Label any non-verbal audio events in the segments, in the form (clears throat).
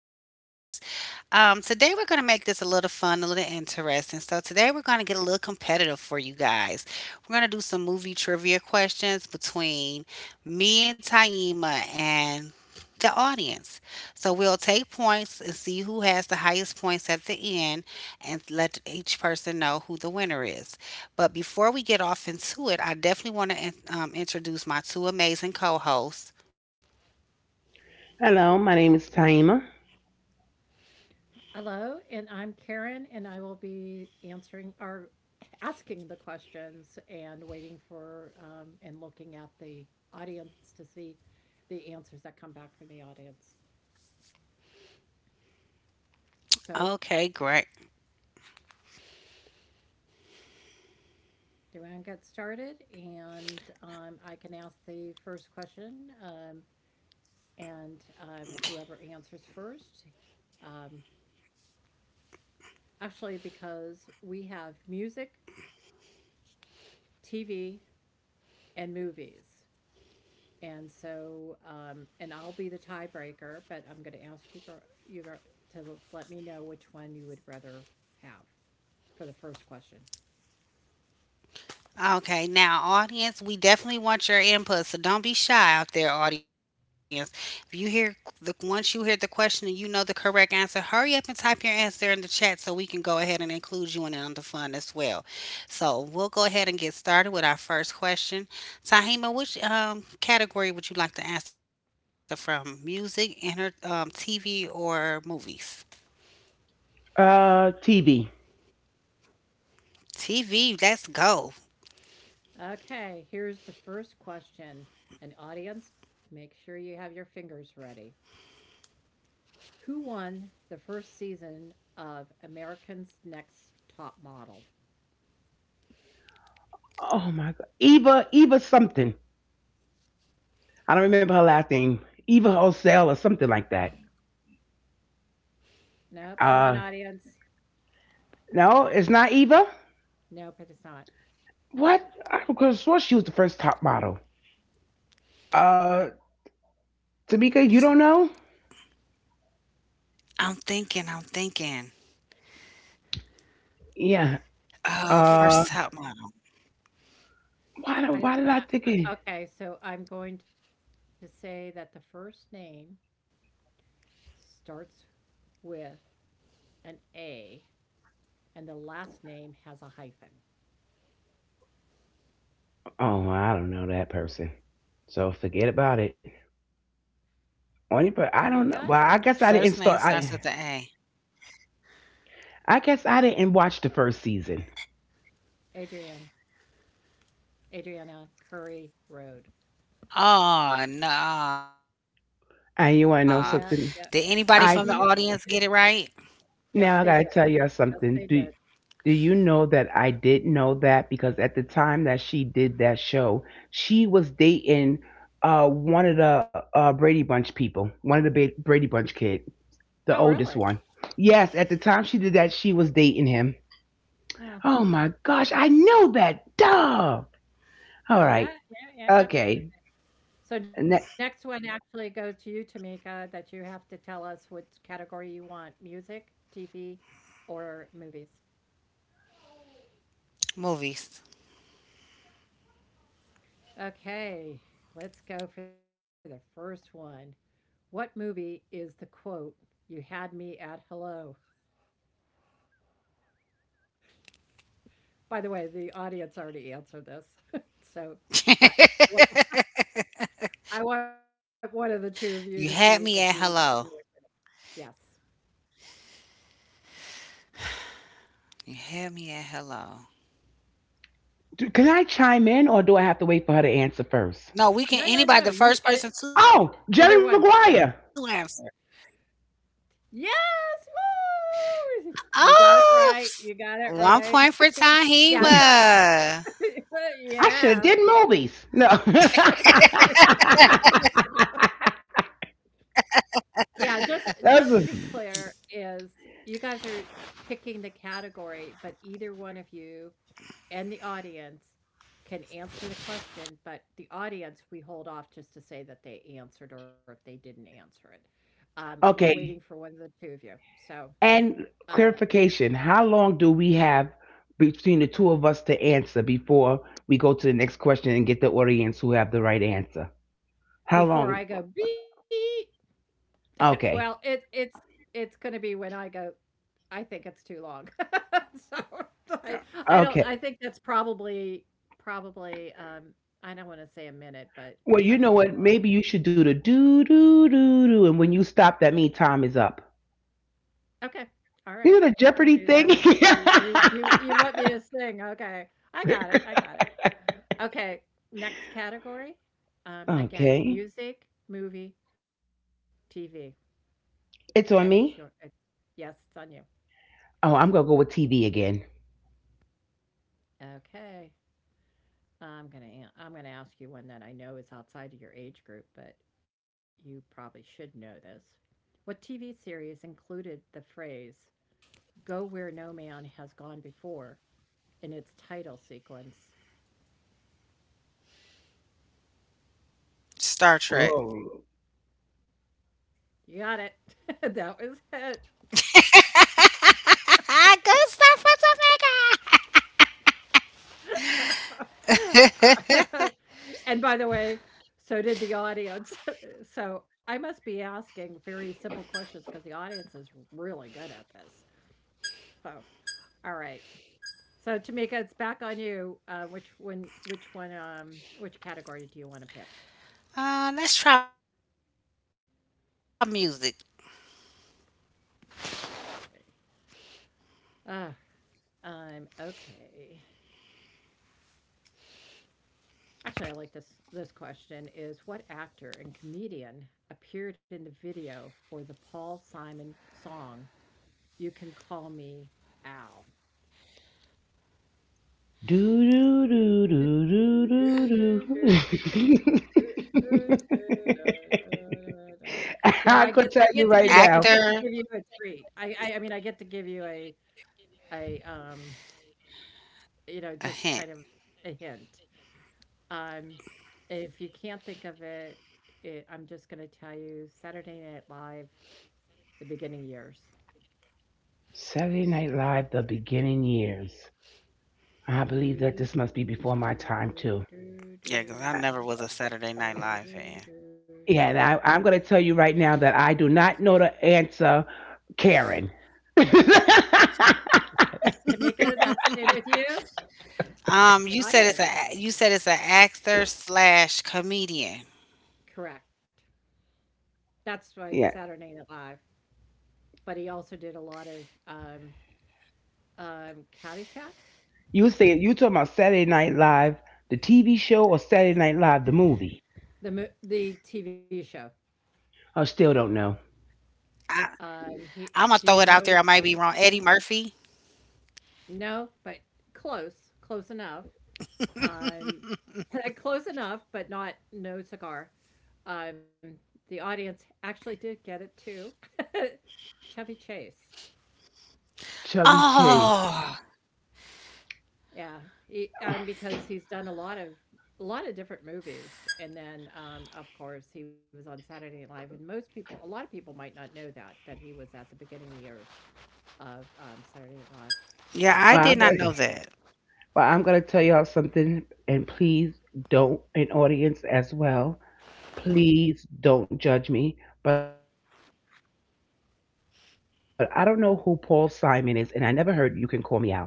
holidays. Today, we're going to make this a little fun, a little interesting. So, today, we're going to get a little competitive for you guys. We're going to do some movie trivia questions between me and Taima and the audience. So, we'll take points and see who has the highest points at the end and let each person know who the winner is. But before we get off into it, I definitely want to introduce my two amazing co hosts. Hello, my name is Taima. Hello, and I'm Karen, and I will be answering or asking the questions and waiting for and looking at the audience to see the answers that come back from the audience. Okay, So, great. do you want to get started? And I can ask the first question, and whoever answers first. Um, actually, because we have music, TV, and movies. And so, and I'll be the tiebreaker, but I'm going to ask you, to let me know which one you would rather have for the first question. Okay, now, audience, we definitely want your input, so don't be shy out there, audience. If you hear the once you hear the question and you know the correct answer, hurry up and type your answer in the chat so we can go ahead and include you in on the fun as well. So we'll go ahead and get started with our first question. Tahima, which category would you like to answer from? Music, TV, or movies? TB. TV. Let's go. Okay, here's the first question. And audience, make sure you have your fingers ready. Who won the first season of American's Next Top Model? Oh my God, Eva something. I don't remember her last name. Eva Osell or something like that. Nope. Come on, Uh, audience. no, it's not Eva. Nope, it is not. What? I could have sworn she was the first top model. Uh, Tamika, you don't know? I'm thinking. I'm thinking. Yeah. First I top think Uh, model. why? I, I Why did I think it? I- okay. So I'm going to say that the first name starts with an A, and the last name has a hyphen. Oh, I don't know that person. So forget about it. First name Tamika I starts with don't the know. Well, A. I guess I didn't start. I guess I didn't watch the first season. Adrienne Adriana Curry Road. Oh, no. Did anybody And Yeah, you from want the to know yeah. audience something? get it right? You knew. I Yes, Now they I did. gotta tell y'all Yes, they something. Do did. do you know that I did know that because at the time that she did that show, she was dating one of the Brady Bunch people, one of the Brady Bunch kid, Oh, the really? oldest one. Yes, at the time she did that, she was dating him. Mm. Oh my gosh, I know that. Duh. All Yeah, right. yeah, yeah, yeah. Okay. So next And that, one actually goes to you, Tamika, that you have to tell us which category you want: music, TV, or movies. Movies. Okay, let's go for the first one. What movie is the quote, "You had me at hello"? By the way, the audience already answered this. (laughs) So, (laughs) but I want I You want one of had the me two at of you to hello. see if you knew it. Yes. You had me at hello. Can I chime in or do I have to wait for her to answer first? No, we can No, no, anybody the no. first You person it, to either Oh, answer. one. Yeah. Jerry Maguire. Yes. Woo! You got it right. Oh, You got it one right. point for (laughs) yeah. So, Tahiba. (laughs) I yeah. should have did movies. No. (laughs) Yeah, just to be (laughs) That's a, clear is you guys are picking the category, but either one of you and the audience can answer the question, but the audience, we hold off just to say that they answered or if they didn't answer it. We're waiting for one of okay. the two of you. So, And um, clarification, how long do yeah, we have between the two of us to answer before we go to the next question and get the audience who have the right answer? How before I go long? beep, well, Okay. It's going to be when I go I think it's too long. (laughs) So, I I don't I think Okay. that's probably probably, I don't wanna say a minute, but because that's Well, you too know long. what? Maybe you should do the do do do do, and when you stop, that means time is up. Okay. Alright. I You know the can do Jeopardy that thing. except for y you you want me to sing, okay. I got it, I got it. (laughs) Okay, next category, again, Okay, music, movie, TV, and it's on it's me. yes, it's on you. Oh, I'm gonna go with TV again. Okay. I'm gonna I'm gonna ask you one that I know is outside of your age group, but you probably should know this. What TV series included the phrase "Go where no man has gone before" in its title sequence? Star Trek. Oh, You got it. (laughs) that was it. (laughs) Good start for Tameka. (laughs) Uh, (laughs) and by the way, so did the audience. (laughs) so I must be asking very simple questions because the audience is really good at this. So, all right. So Tamika, it's back on you. Which one? Which one? Which category do you want to pick? Let's try music. Uh, okay. Actually, I like this. This question is: What actor and comedian appeared in the video for the Paul Simon song "You Can Call Me Al"? do do do do do do (laughs) do. (laughs) No, I I get. could I tell Actor, get you to give. right I now. get to give you a treat. I get to give you a, you know, a just kind hint. of a hint. Um, if you can't think of it, I'm just going to tell you Saturday Night Live, the beginning years. Saturday Night Live, the beginning years. I Do, believe do, that this must be before my do, time do, too. do, do, Yeah, because do, I never was a Saturday do, Night Live do, fan. do, Yeah, and do, I'm gonna tell you right now that I do not know the answer, Karen. (laughs) Tamika, that's it with you? Um, The you said audience. it's a you said it's an actor slash comedian. Correct. That's why Yeah, Saturday Night Live. But he also did a lot of Caddyshack, you say you talking about Saturday Night Live, the TV show, or Saturday Night Live, the movie? The TV show. I still I don't know. I'm gonna throw it out there. I He, might be do you wrong. Eddie know Murphy. No, but close, close enough. Um, (laughs) close enough, but not no cigar. Um, the audience actually did get it too. (laughs) Chevy Chase. Chubby Oh, Chase. Yeah, he because he's done a lot of different movies, and then of course he was on Saturday Night Live, and most people, a lot of people might not know that he was at the beginning of years of yeah, Saturday I Night did Live. not know that. Well, I'm gonna, well, I'm gonna tell y'all something, and please don't, an audience as well. Please don't judge me. But I don't know who Paul Simon is, and I never heard you can call me Al.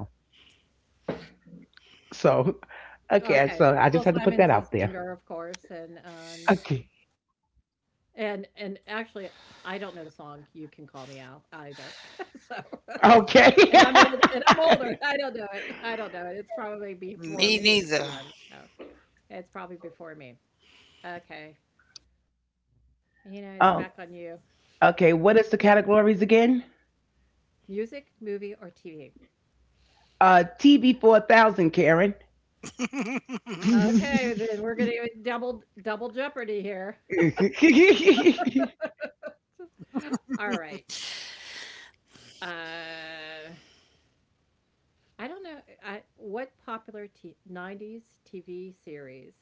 So, (laughs) okay, so I just had to put that out there. Okay, Paul Simon's a singer, of Okay, course, and and actually, I don't know the song "You Can Call Me Al" either. (laughs) So, (laughs) and okay. I'm old and I'm older. I (laughs) don't know it. I don't know it. It's probably before Me me, neither. even. So, it's probably before me. Okay. You know, it's back on you. Oh, okay. What is the categories again? Music, movie, or TV? TV 4,000, Karen. (laughs) Oh, Okay, then we're gonna do double jeopardy here. All right. Uh, I don't know. I what popular '90s TV series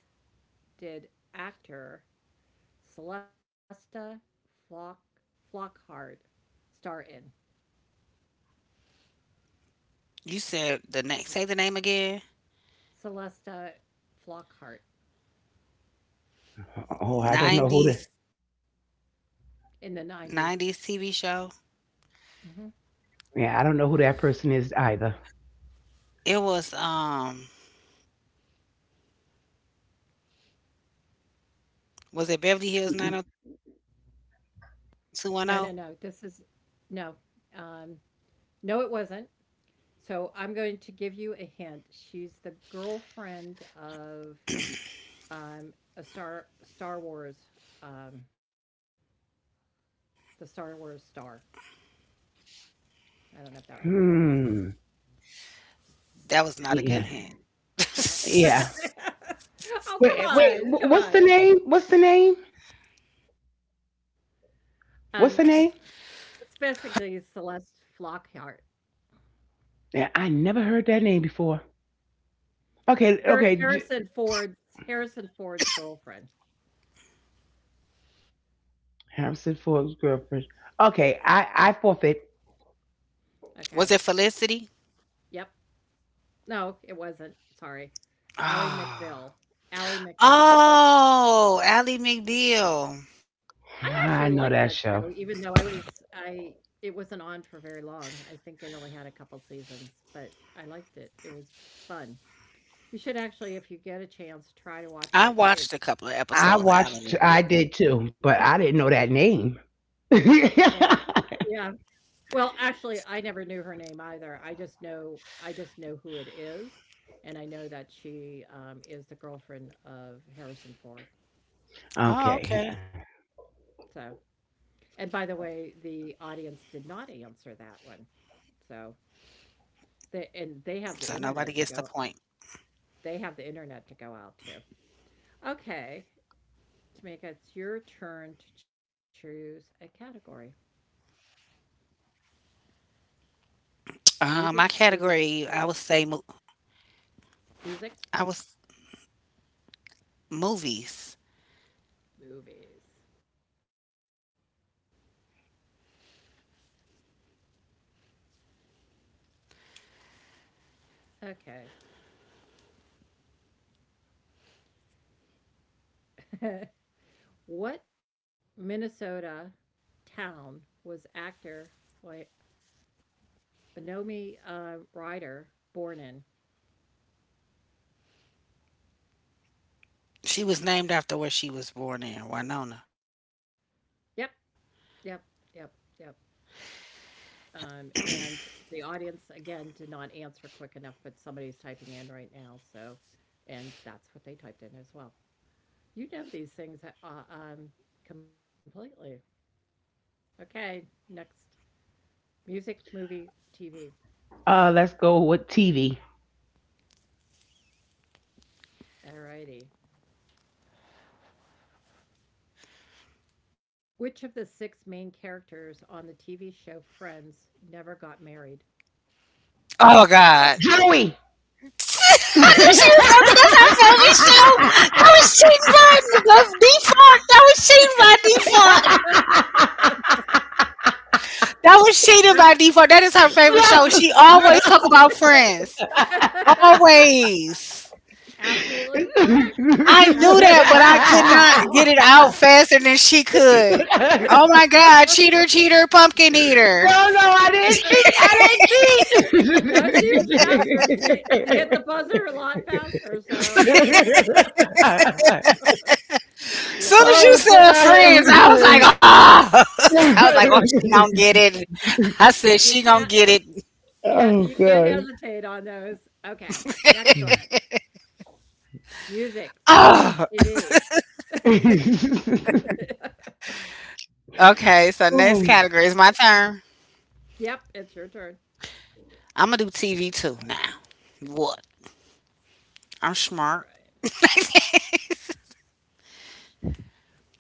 did actor Celesta Flock Flockhart star in? You said the next, say the name again. Celesta Flockhart I don't know who the. 90s 90s in TV the show. 90s. Hmm. Yeah, I don't know who that person is either. It was Was it Beverly Hills 90210? No, no, no. This is no. Um, no, it wasn't. So I'm going to give you a hint. She's the girlfriend of a Star Wars, um, the Star Wars star. I don't know if that would make a difference. Hmm. That was not a good hint. Yeah. (laughs) No. (laughs) Yeah. oh, come Wait, wait. on. Come What's on. the name? What's the name? Um, What's the name? It's basically Celeste Flockhart. Yeah, I never heard that name before. Okay. Har Okay. Harrison Ford's Harrison Ford's girlfriend. Harrison Ford's girlfriend. Okay. I forfeit. Was it Felicity? Okay. Yep. No, it wasn't. Sorry. Ally Oh. McBeal. Ally McBeal. Oh, Ally McBeal. I actually liked that I know show, that even show. though I was I it wasn't on for very long. I think it only had a couple seasons, but I liked it. It was fun. You should actually, if you get a chance, try to I watch it. watched a It couple of episodes I of Ally watched. McBeal. I did too, but I didn't know that name. yeah. Yeah. Well, actually, I never knew her name either. I just know who it is, and I know that she is the girlfriend of Harrison Ford. (laughs) Oh, okay. Okay. Yeah. So, and by the way, the audience did not answer that one. So, So nobody they gets have the the point. internet to go. They have the internet to go out to. Okay, Tamika, it's your turn to choose a category: My category, I would music, say, movie, or TV. I Music, was movies. movies. Okay. (laughs) What Minnesota town was actor Wy- Wynomi Ryder born in? She was named after where she was born in, Winona. Yep, yep, yep, yep. And the audience again did not answer quick enough, but somebody's typing in right now. So, and that's what they typed in as well. You know these things completely. Okay, next music, movie, TV. Let's go with TV. All righty. Which of the 6 main characters on the TV show Friends never got married? Oh God! (laughs) I Joey. knew No, she was going to. That's her favorite show. That was cheating by default. That was cheating by default. That was Ab cheating by default. That is her favorite show. She always talk about Friends. (laughs) Always. Absolutely correct. I (laughs) knew that, Absolutely but I could not get it out faster than she could. Oh my God, cheater, cheater, pumpkin eater. no, I correct. didn't (laughs) cheat. I didn't No, she was cheat. faster. She hit the buzzer a lot faster, so (laughs) (laughs) yeah, Soon as you Oh yeah. said friends, I was god. like, oh, (laughs) I was like, oh, she gonna get (laughs) it. I You said, she can't gonna get it. yeah, you Oh can't gosh. hesitate on those. Okay, next one. Music, movie, Oh, TV. (laughs) (laughs) okay. So next Oh. category is my turn. Yep, it's your turn. I'm gonna do TV too now. What? All I'm smart. (laughs)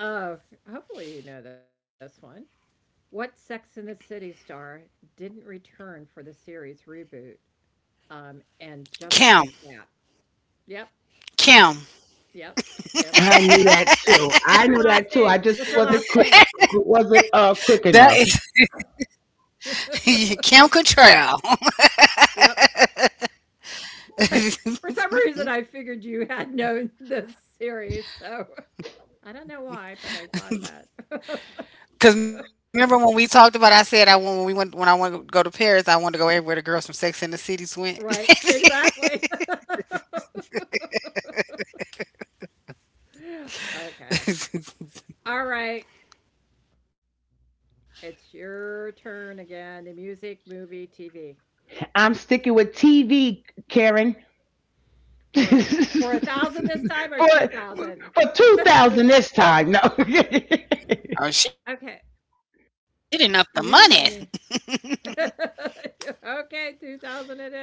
right. Oh, hopefully you know this one. What Sex and the City star didn't return for the series reboot? And just like Kim, that. Yep. But Kim. yep, Kim. I knew that too. What's I her knew last that too. I name? just What's her last name? wasn't quick That enough. is (laughs) (laughs) Kim Cattrall. Yep. I, for (laughs) some reason, I figured you had known this series. So I don't know why, but I thought that. (laughs) Cause remember when we talked about, I said I want when we went when I want to go to Paris, I want to go everywhere the girls from Sex and the Cities went. right. Exactly. (laughs) okay. All right. It's your turn again. The music, movie, TV. I'm sticking with TV, Karen. (laughs) For for for 1,000 this time or 2,000? for Uh, 2000 this time. No. (laughs) (laughs) Oh, okay. she didn't up the money. You (laughs) okay, 2,000 it is.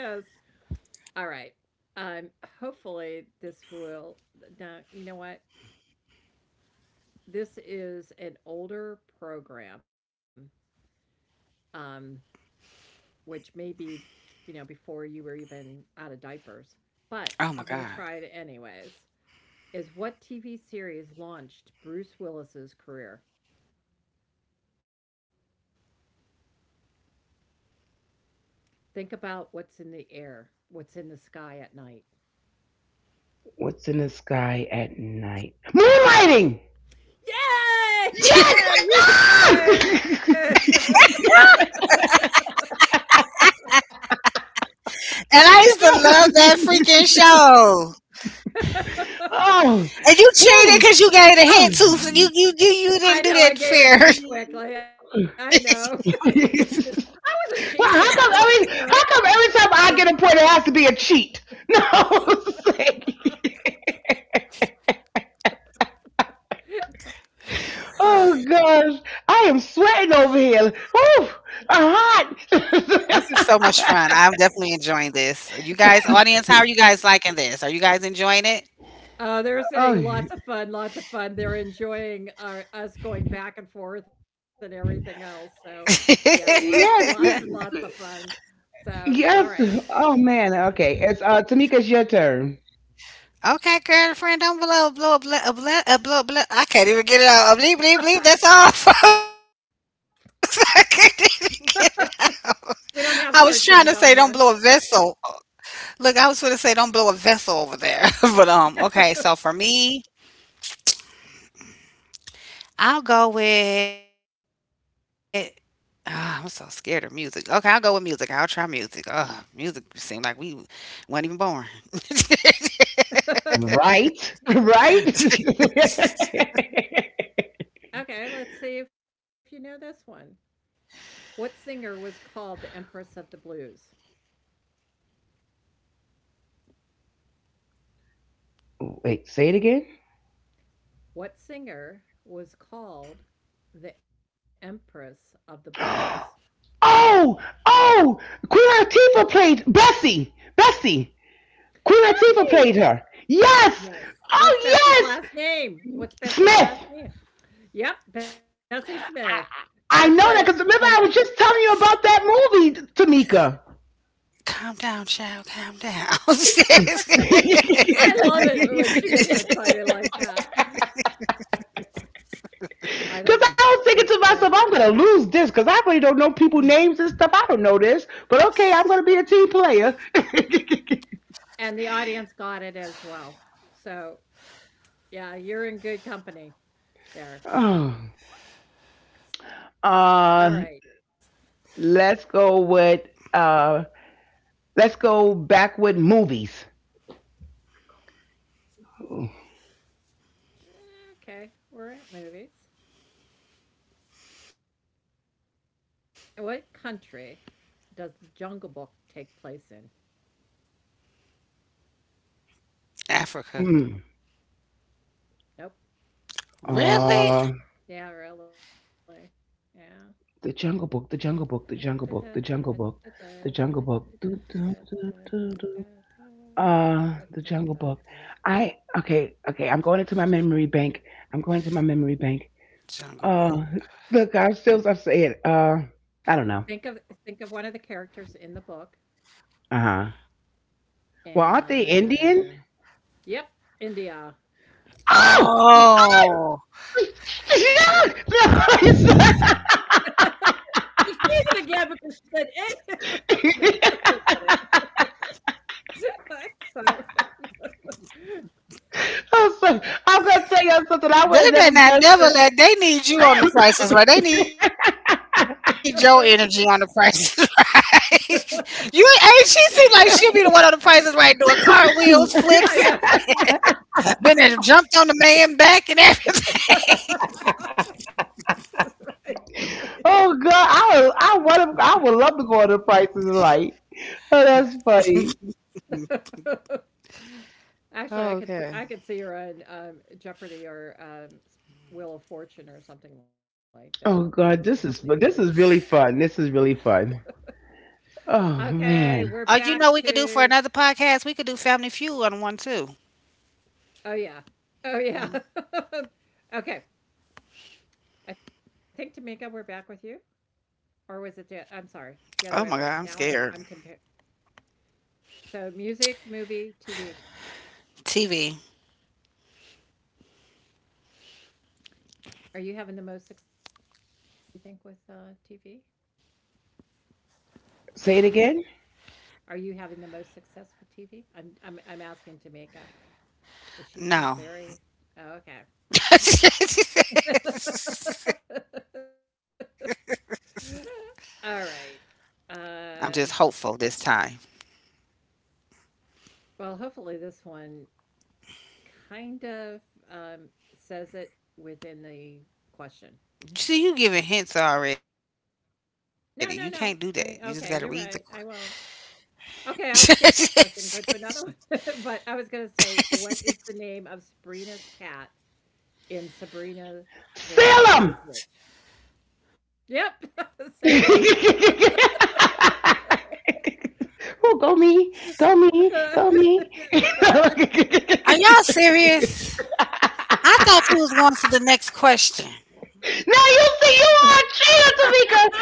All right. Um, hopefully this will no, you know what? This is an older program, um, which may be, you know, before you were even out of diapers. But I'm gonna Oh try my it god. anyways. Is what TV series launched Bruce Willis's career? Think about what's in the air, what's in the sky at night. What's in the sky at night? Moonlighting. Yay! (laughs) Yes. Yeah, you got Ah! it. (laughs) And I used to love that freaking show. (laughs) Oh. And you cheated because Woo. you gave the hint to you didn't I do know I that gave it fair. too (laughs) quickly. I Oh. know. (laughs) I (laughs) wasn't cheating. Well, I was, you know. How come every time I get a point, it has to be a cheat? (laughs) No, it's like, (laughs) All oh right. gosh, I am sweating over here. Woo, I'm hot. This is so much fun. I'm definitely enjoying this. You guys, audience, how are you guys liking this? Are you guys enjoying They're (laughs) saying Oh, lots yeah, of fun, lots of fun. They're enjoying our, us going back and forth and everything else. So, yeah, it? lots, (laughs) lots and lots of you- fun. So, all right. yes. Oh man, okay. It's Tamika, it's your turn. Okay, girlfriend, don't blow, blow, blow, blow, blow, blow, blow. I can't even get it out. Bleep, bleep, bleep. That's all, (laughs) folks. I can't even get it. I We was don't trying have to say don't cartoons blow on a here. vessel. Look, I was going to say don't blow a vessel over there. (laughs) But, okay, so for me, I'll go with. Ah, I'm so scared of music. Okay, I'll go with music. I'll try music. Ugh, music seemed like we wasn't even born. (laughs) (laughs) Right, (laughs) right. okay, let's see if you know this one. What singer was called the Empress of the Blues? (laughs) Wait, say it again. What singer was called the Empress of the Blues? (gasps) Oh, oh, Queen Latifah played Bessie. Bessie. Queen Latifah Hey! played her. Yes. Yes. What's Oh Bessie's last yes, name? What's Bessie's last Smith. name? Yep, Bessie Smith. I That's I it. know that And because remember I was just telling you about that movie, Tamika. Calm down, child. Calm down. (laughs) Because. (laughs) I love it when she gets excited like that. I think it's I was great. thinking to myself, I'm gonna lose this because I really don't know (clears throat) people names and stuff. I don't know this, but okay, I'm gonna be a team player. (laughs) And the audience got it as well. So, yeah, you're in good company there. Oh. All right. uh, let's go with uh, let's go back with movies. Okay, we're at movies. What country does the Jungle Book take place in? Africa. Mm. Nope. Uh, Really? Yeah, really. Yeah. The Jungle Book, The Jungle Book, The Jungle Book, The Jungle Book, The Jungle Book. Do, do, do, do, do. The Jungle Book. I Okay, okay. I'm going into my memory bank. I'm going to my memory bank. Jungle Uh, Book. Look, I'm still upset. Think of I don't know. think of one of the characters in the book Uh huh. Well, aren't they Indian? and yep, India. Oh, oh! Oh, (laughs) No, it's- (laughs) She did it again because she said eh. (laughs) No, just kidding. (laughs) So I'm, so, I'm gonna tell y'all something I they would have never better not guessed never let. They need you on the prices right. They it. need (laughs) (laughs) your energy on the prices (laughs) right. You ain't. She seems like she'll be the one on (laughs) the prices right doing cartwheels, flips, I know. (laughs) been there, jumped on the man back and everything. (laughs) (laughs) Right, right. Oh God, I would love to go on the prices right. Oh, that's funny. (laughs) Actually, Okay. I could see her on Jeopardy or Wheel of Fortune or something like that, and Oh God, happening to do the thing. this is really fun. This is really fun. Oh Okay, Oh, you we're man, know we back could do for another to. podcast. We could do Family Feud on one too. Oh yeah, oh yeah. Mm. (laughs) okay, I think Tamika, we're back with you, or was Oh it my God, the? I'm I'm sorry, scared. the other way around. Now I'm comparing. So music, movie, TV. TV. Are you having the most success you think with TV? Wow. say it again. Are you having the most success with TV? I'm asking Jamaica. Does she No. feel very Oh, okay. (laughs) (laughs) All right. I'm just Um, hopeful this time. well, hopefully this one kind of um, says it within the question. See, you giving hints already. You can't do No, that. no, You just no. gotta I read the. mean, okay, you're right. I won't. Okay, I'll skip (laughs) that question. Go to another one. (laughs) But I was going to say, what is the name of Sabrina's cat in Sabrina the Salem. Teenage Witch? Yep, (laughs) Salem. (laughs) Oh, go me, go me, go me. (laughs) Are y'all serious? I thought you (laughs) was going to the next question. Now you see you are chill,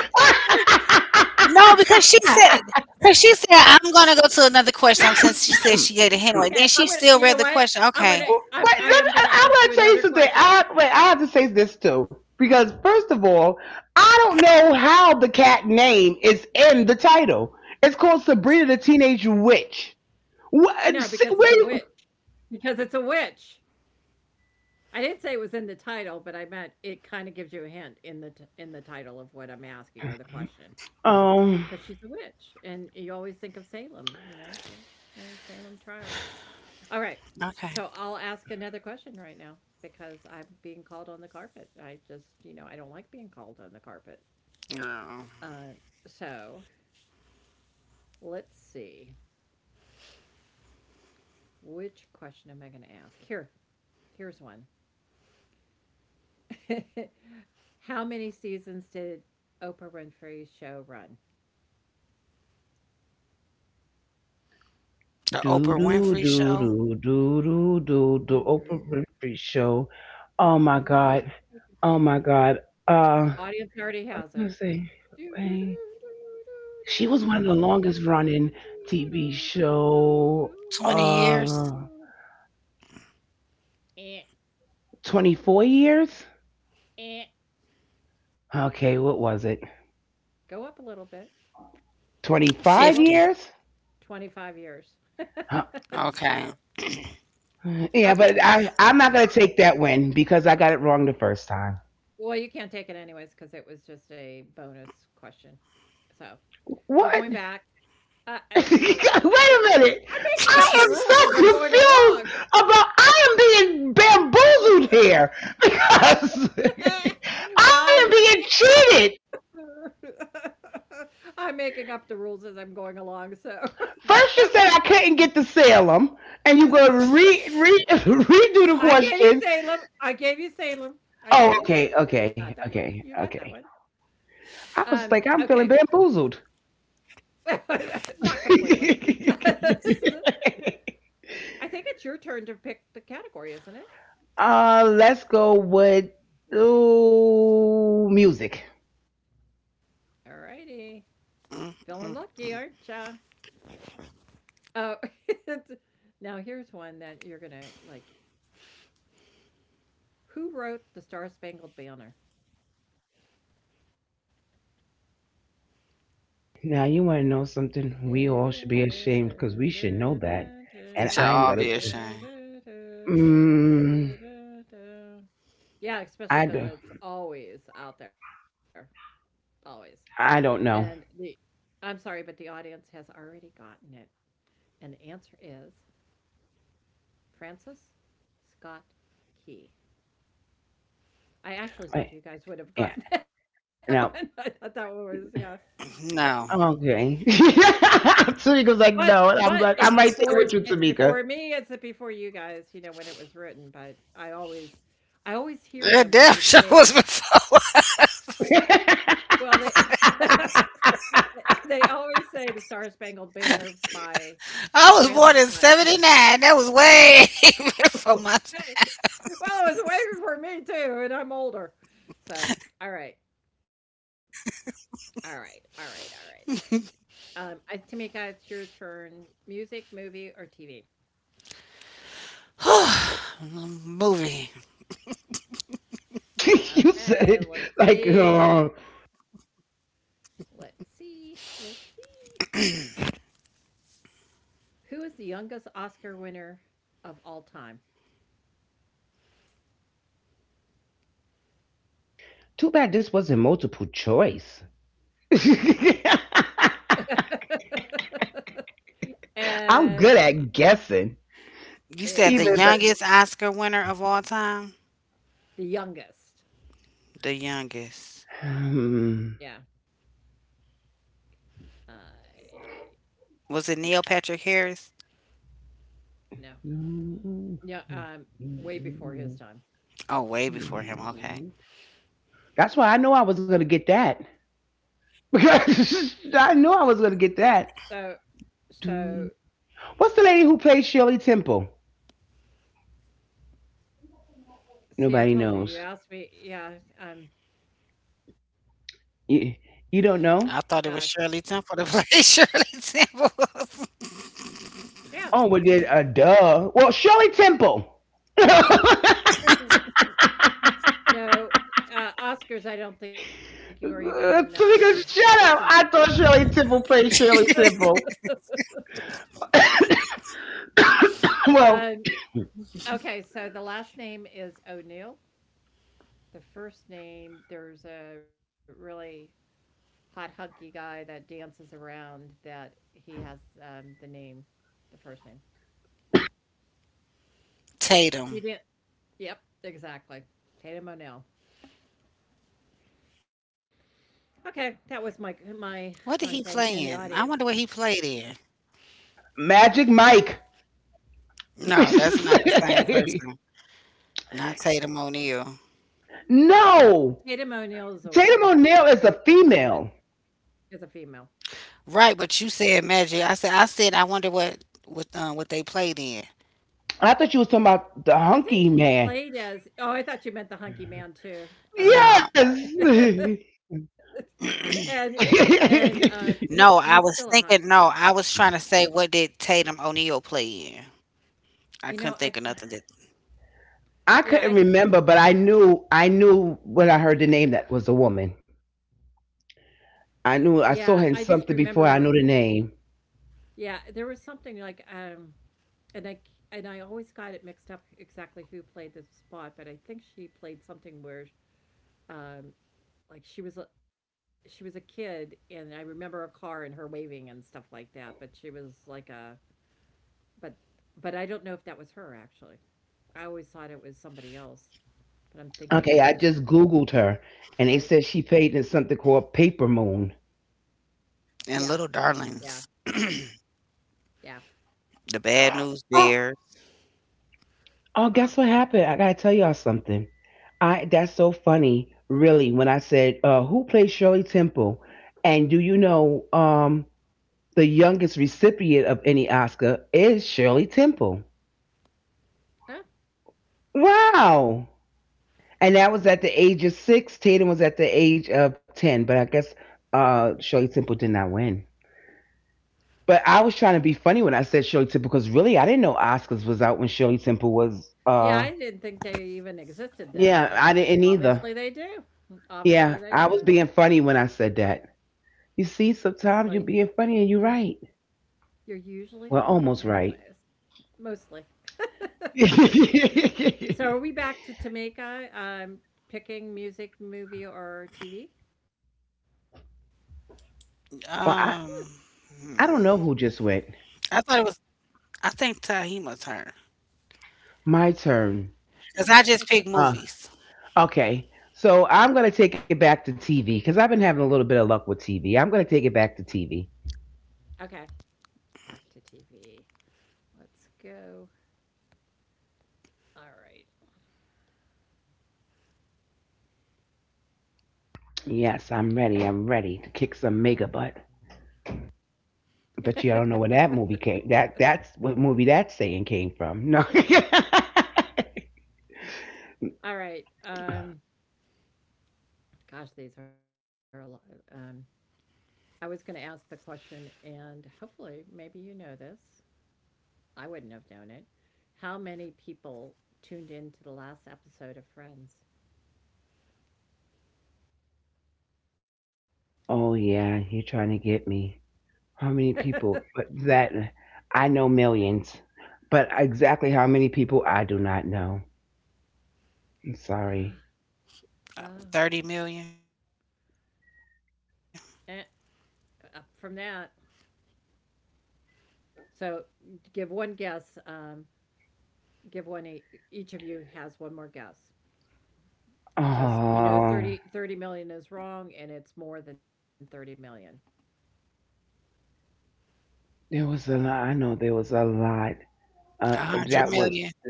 No, because she (laughs) said, I'm gonna go to another question. Since she said she gave a hint away, then she still Okay, read I'm the gonna. question. You know what? Okay, I'm gonna. I Wait, am gonna I, ask you I going to another tell you something. question. I Wait, I have to say this too because first of all, I don't know how the cat name is in the title. It's called Sabrina the Teenage Witch. No, What? Because it's a Where? witch. Because it's a witch. I didn't say it was in the title, but I meant it kind of gives you a hint in the in the title of what I'm asking or the question. Um. Because she's a witch, and you always think of Salem. You know that. You know Salem trials. All right. okay. So I'll ask another question right now because I'm being called on the carpet. I just, you know, I don't like being called on the carpet. Girl. Uh, so let's see. Which question am I going to ask? Here, here's one. (laughs) How many seasons did Oprah Winfrey's show run? The Do Oprah do Winfrey do Show. do do do do do. Oprah (laughs) Winfrey Show. Oh my God. Oh my God. Audience already has it. Let's see. Eh, Wait. She was one of the longest running TV show. 20 years. Uh, 24 years? eh. Okay, what was it? Go up a little bit. 25 50. Go up years? 25 years. (laughs) Huh. Okay. so, Yeah, but okay. I'm not going to take that win because I got it wrong the first time. Well, you can't take it anyways because it was just a bonus question. So, we're What? going (laughs) back. I, Wait no, I'm, a (laughs) minute. I'm making I up the am rules as I'm going so along. confused about I am being bamboozled here because. (laughs) (laughs) I well, I'm, am being (laughs) I'm making up the rules as I'm going along. So, First, no, you said I couldn't get to Salem, and you go re, re (laughs) redo the I gave you question. Salem. I gave you Salem. I Oh, gave you okay, Salem. No, you okay, got that one. okay, You got okay. that one. I was like, I'm Okay. feeling bamboozled. (laughs) Not (laughs) completely. (laughs) This is a- I think it's your turn to pick the category, isn't it? Let's go with ooh, music. All righty. Mm-mm. Feeling lucky, aren't ya? Oh, (laughs) now here's one that you're going to like. Who wrote The Star Spangled Banner? Now, you want to know something? We all should be ashamed because we should know We should that. all be And I'm ashamed. gonna. Mm, (laughs) Yeah, especially I because do. it's always out there, always. I And don't the know. I'm sorry, but the audience has already gotten it, and the answer is Francis Scott Key. I actually Wait, thought you guys would have yeah. gotten (laughs) that one. I Now. thought that one was No, yeah. Okay. (laughs) Tamika's like, But no. And I'm like, I'm right there with you, it's Tamika. before me, it's before you guys, you know, when it was written, but I always hear that them when damn (laughs) they show was say before well, they (laughs) (laughs) they always say The Star Spangled Banner by I was born Francis in Scott Key. 79. That was way (laughs) (laughs) before my Well, it was way before me too, and I'm older. So, all right, all right, all right, all right, time. all right. Tamika, it's your turn. Music, movie, or TV? (sighs) Movie. You said Okay, it let's like, see. oh, Let's see. Let's see. Who is the youngest Oscar winner of all time? too bad this wasn't multiple choice. (laughs) (laughs) and I'm good at guessing. Even yeah, You if said the youngest Oscar winner of all time? the youngest. The youngest. Yeah. I. (sighs) Uh, Was it Neil Patrick Harris? no. Yeah. Way before his time. Oh, way before him. Hmm. Okay. That's why I know I was going to get that. (laughs) I knew I was going to get that. So So, What's the lady who played Shirley Temple? see, I Nobody told you. You knows. asked me. Yeah. Um. I You, thought it was you don't Shirley know? Gosh. Temple to play (laughs) Shirley Temple. Yeah. Oh, well, I did knew- duh. Well, Shirley Temple. (laughs) (laughs) No. Oscars. I don't think you were even in Because existence at shut that up. time. I thought Shirley Temple played Shirley (laughs) Temple. (coughs) Well, um. Okay. So the last name is O'Neill. The first name. There's a really hot hunky guy that dances around. That he has the name, the first name. You did. Tatum. Yep. Exactly. Tatum O'Neill. Okay, that was What did he play my in? I thing wonder in what the he audience. played in. Magic Mike. No, that's (laughs) not the same person. Not Tatum O'Neal. No, No. Tatum O'Neal is Tatum a O'Neal is a is a woman, female. is a female. Right, but you said Magic. I said, I said I wonder what, what they played in. I thought you was talking about the I think hunky she man. played as oh, I thought you meant the hunky man too. Um, Nah. (laughs) Yes. (clears throat) and No, I was he's (laughs) thinking still a no, hunk. I was trying to say what did Tatum O'Neal play in? I You couldn't know, I think of can't nothing that I yeah, couldn't I remember, but I knew when I heard the name that was a woman. yeah, I I knew I just saw her in something remember before I knew the name. yeah, there was something like, and I c and I always got it mixed up exactly who played the spot, but I think she played something where, um like she was a kid and I remember a car and her waving and stuff like that, but she was like a but I don't know if that was her actually. I always thought it was somebody else, but I'm thinking it Okay, I was just her. Googled her and they Right? said she played in something called Paper Moon. and Yeah. Little Yeah. Darlings. Yeah. The Bad News Oh, Bears. oh Wow. guess what happened? I gotta tell y'all something. I That's so funny, really, when I said, who played Shirley Temple? And do you know the youngest recipient of any Oscar is Shirley Temple. Huh? Wow. And that was at the age of 6. Tatum was at the age of 10. But I guess Shirley Temple did not win. But I was trying to be funny when I said Shirley Temple because really I didn't know Oscars was out when Shirley Temple was. Yeah, I didn't think they even existed then, Yeah, but I didn't either. obviously they do. Obviously Yeah, they I was did. being funny when I said that. You see, Well, sometimes you're being you, funny and you're right. you're usually Well, funny almost anyways, right. mostly. (laughs) (laughs) Well, So are we back to Tamika? Picking music, movie, or TV? Um I, hmm. I don't know who I just thought it went. was, I think Tahima's her. My Cause turn. I just picked Okay, it's your movies. turn. Uh, Okay. So I'm going to take it back to TV because I've been having a little bit of luck with TV. I'm going to take it back to TV. Okay, back to TV. Let's go. All Yes, I'm ready. I'm ready to kick some mega butt. Bet you I right. don't know where that movie came. That's what movie that saying came from. No. (laughs) (laughs) All right. Gosh, these are a lot. Um, I was going to ask the question, and hopefully, maybe you know this. I wouldn't have known it. How many people tuned in to the last episode of Friends? Oh yeah, you're trying to get me. How many (laughs) people? But that. I know millions, but exactly how many people I do not know. I'm sorry. Ah, Uh, ah. 30 million, Eh, up from that, so give one guess. Give one each of you has one more guess. Just you know Oh, thirty million is wrong and it's more than 30 million. there was a lot. I know there was a lot. Uh, a that hundred was million.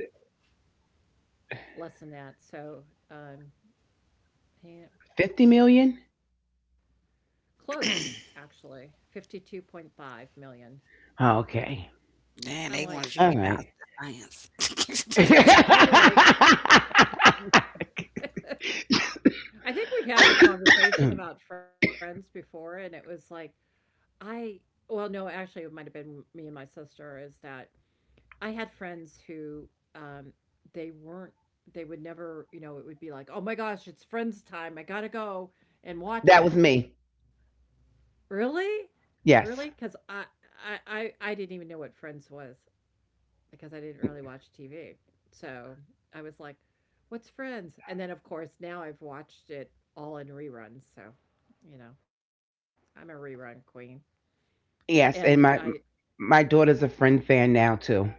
Less than that. So um Ham- 50 Hema million? close actually. 52.5 million. Oh, okay. I'm Damn, they like, wanted you huh? to be All down right. to the (laughs) science. (laughs) I'm like, That I think we had the conversation about friends before, and it was like, I, well, no, actually, it might have been me and my sister, is that I had friends who um, they weren't. They would never, you know, it would be like, oh my gosh, it's Friends time. I gotta go and watch was it. me. Really, really? Because Yes. I didn't even know what Friends was because I didn't really watch TV. So I was like, what's Friends? And then of course now I've watched it all in reruns. So, you know, I'm a rerun queen, and Yes. And my daughter's a friend fan now, too.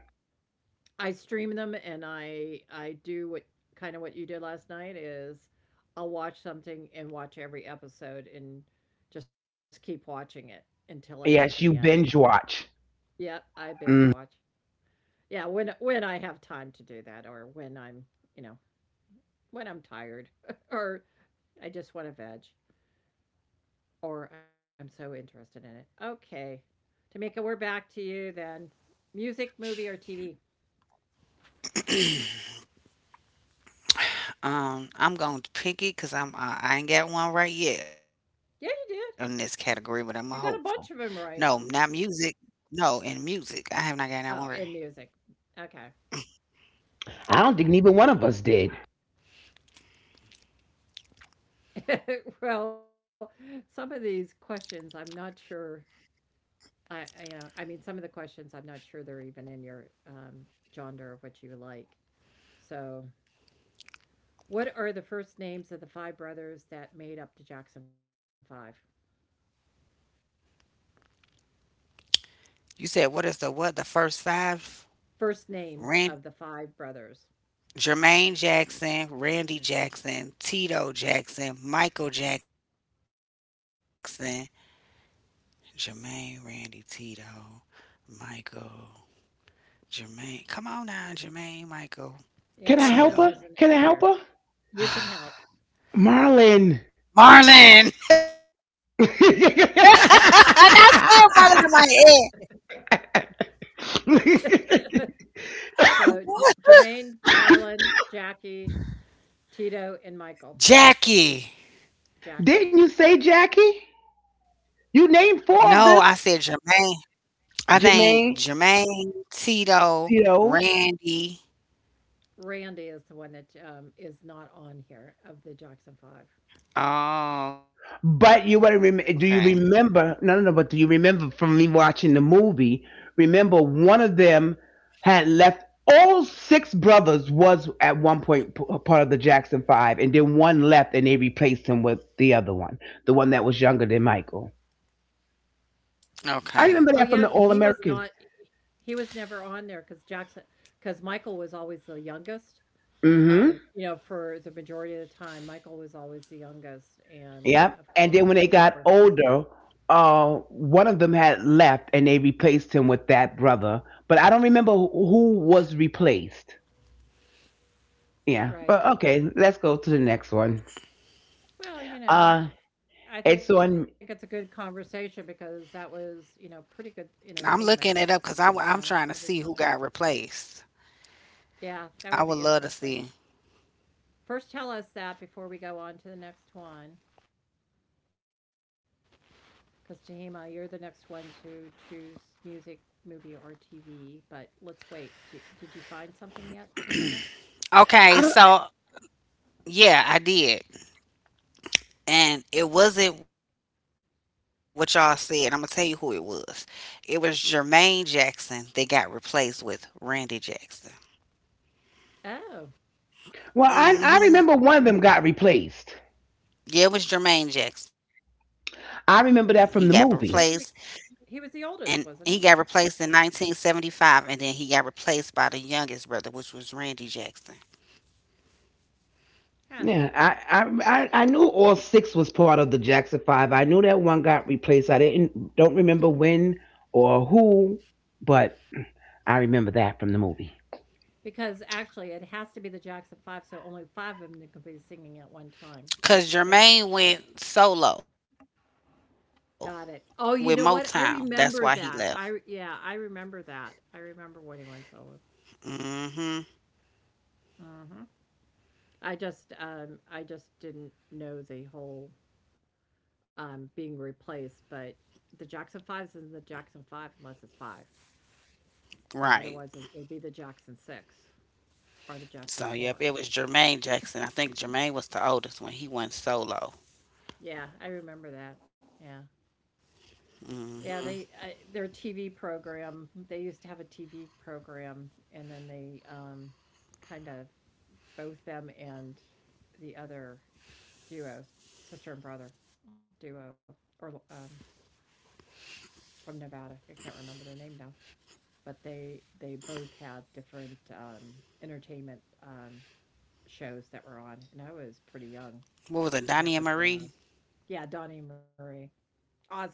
I stream them and I do what kind of what you did last night is I'll watch something and watch every episode and just keep watching it until I get to the end. Yes, you binge watch. Yep, I binge Mm. watch. Yeah, when I have time to do that or when I'm, you know, when I'm tired (laughs) or I just want to veg or I'm so interested in it. Okay. Tamika, we're back to you then. Music, movie or TV? I'm going to pick it 'cause I ain't got one right yet on this category, but Yeah, I'm a you did. hopeful. You got a No, bunch of not them right. music. No, in music, I have not gotten that one right. Oh, in music. Okay. I don't think neither one of us did. (laughs) Well, some of these questions I'm not sure I you know, I mean some of the questions I'm not sure they're even in your genre of what you like. So, what are the first names of the five brothers that made up the Jackson 5? You said what is the what? The first five? First Rand names of the five brothers. Jermaine Jackson, Randy Jackson, Tito Jackson, Michael Jackson, Jermaine, Randy, Tito, Michael, Jermaine. Come on now, Jermaine, Michael, Yeah, one of Can I those Tito, is help her? in Can I here. help her? You can help. (sighs) Marlon. Marlon. (laughs) And I said Marlon in my head. (laughs) (laughs) So, What? Jermaine, Marlon, Jackie, Tito, and Michael. Jackie. Jackie. Didn't you say Jackie? No, I said You named Jermaine. four of them. I named Jermaine, Jermaine, Tito, Tito, Randy. Randy is the one that, is not on here of the Jackson 5. Oh, okay. but you want to do you remember? No, no, no. But do you remember from me watching the movie? Remember, one of them had left. All six brothers was at one point part of the Jackson Five, and then one left, and they replaced him with the other one, the one that was younger than Michael. Okay. Oh, I yeah, remember because that from the All American. he was never on there. Because Michael was always the youngest. Mm-hmm. You know, for the majority of the time, Michael was always the youngest, and, Yep. of And then when course they got older, one of them had left, and they replaced him with that brother. But I don't remember who was replaced. Yeah, right. but okay, let's go to the next one. Well, you know, Uh, I it's think it's a on. good conversation because that was, you know, pretty good I'm looking it entertainment, up because I'm trying to see every who got time. replaced. Yeah, I that would would be love to see. interesting. First, tell us that before we go on to the next one. Because Tahima, you're the next one to choose music, movie, or TV. But let's wait. Did you find something yet, Tamika? Okay, I so don't, yeah, I did. And it wasn't what y'all said. I'm going to tell you who it was. It was Jermaine Jackson that got replaced with Randy Jackson. Oh, well, I Hmm. remember one of them got replaced. Yeah, it was Jermaine Jackson. He got replaced, I remember that from the movie. wasn't it? and he He got was the replaced oldest, in wasn't he? 1975, and then he got replaced by the youngest brother, which was Randy Jackson. Huh. Yeah, I knew all six was part of the Jackson Five. I knew that one got replaced. I didn't don't remember when or who, but I remember that from the movie. Because actually, it has to be the Jackson Five, so only five of them can be singing at one time. Cause They Jermaine went solo with Motown. got it. That's why Oh, he you know left. what? I remember that. Yeah, I remember that. I remember when he went solo. Hmm. Hmm I just didn't know the whole being replaced, but the Jackson Fives is the Jackson Five unless it's five, Right. and otherwise it would be the Jackson Six or the Jackson So yep, Four. it was Jermaine Jackson. I think Jermaine was the oldest when he went solo. Yeah, I remember that. Yeah, Hmm. yeah. Their TV program. They used to have a TV program, and then they kind of both them and the other duo, sister and brother duo, or from Nevada. I can't remember their name now, but they both had different entertainment shows that were on, and I was pretty young What was when it, that was Donnie and going on. Marie? Yeah, Donnie and Marie Osmonds.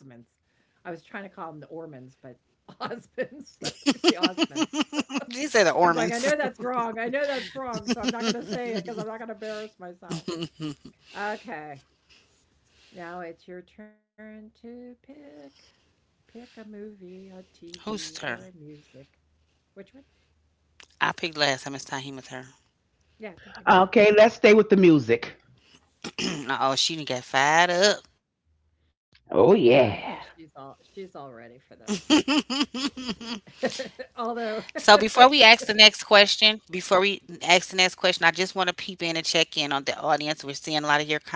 I was trying to call them the Ormonds, but (laughs) Osmonds, (laughs) the Osmonds. (laughs) These are the I'm Ormans. going. I know that's wrong. I know that's wrong. So I'm not going to say it because I'm not going to embarrass myself. (laughs) Okay, now it's your turn to pick. Pick a Whose movie, a turn? TV, or a music. Which one? I picked last time. It's Tahima's turn. Yeah, TV. Okay, let's stay with the music. (clears throat) Oh, she done got fired up. Yeah, Oh yeah, yeah, she's all ready for this. So (laughs) before we Although ask the next question, I just want to peep in and check in on the audience. We're seeing a lot of your comments,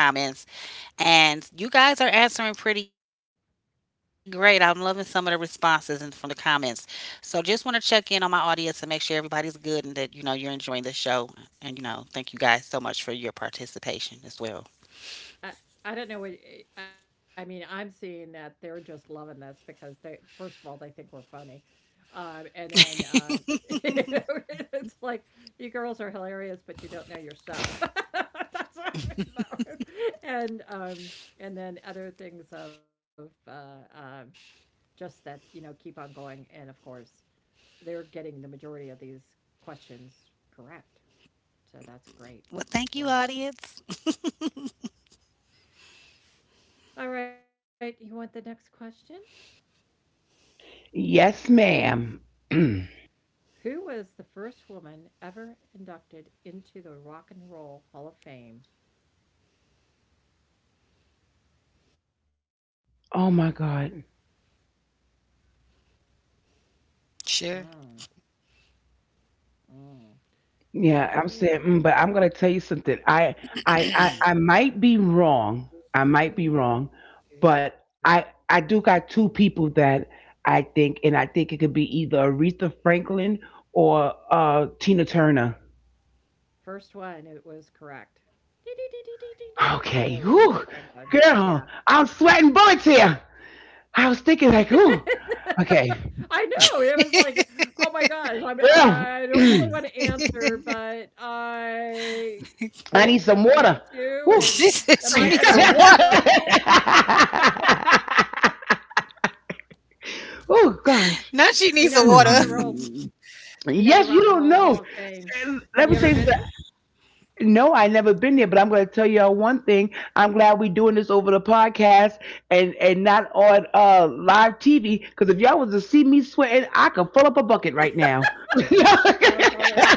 and you guys are answering pretty great. I'm loving some of the responses and from the comments. So just want to check in on my audience and make sure everybody's good and that you know you're enjoying the show. And you know, thank you guys so much for your participation as well. (laughs) I I don't know what I mean, I'm seeing that they're just loving this because they first of all, they think we're funny. And then (laughs) it's like you girls are hilarious, but you don't know your stuff. (laughs) That's what I, and um and then other things of just that, you know, keep on going. And of course, they're getting the majority of these questions correct. So that's great Well, as thank you, well. audience. All right, you want the next question? yes, ma'am. (clears throat) Who was the first woman ever inducted into the Rock and Roll Hall of Fame? Oh my God. Sure. Mm, mm. Do, Yeah, I'm saying, do, but do, I'm gonna tell you do, something. I, do, I, I, I do, might be wrong. I might be wrong, do, do, but I, do, I do got two people that I think, and I think it could be either Aretha Franklin or Tina Turner. First one, it was correct. Dee, dee, dee, dee, dee, dee, dee, Okay, dee. whew, Aretha Franklin. girl, Yeah. I'm sweating bullets here. I was thinking like, ooh, (laughs) I okay, know, it was like, "Oh my gosh, I girl, don't really wanna (clears throat) answer, but I I think, need some and I have water. (laughs) to, Whew. She and said she am (laughs) I needs gonna some get in water. trouble?" Now she needs Oh some gosh. water. You know, the Rock and Roll Hmm. you know, the Yes, you Rock and don't Roll know. Hall of Fame. And let Have me you say ever that. been there? No, I never been there, but I'm going to tell y'all one thing. I'm glad we doing this over the podcast and not on live TV. Because if y'all was to see me sweating, I could fill up a bucket right now. (laughs) Yeah, Oh, funny.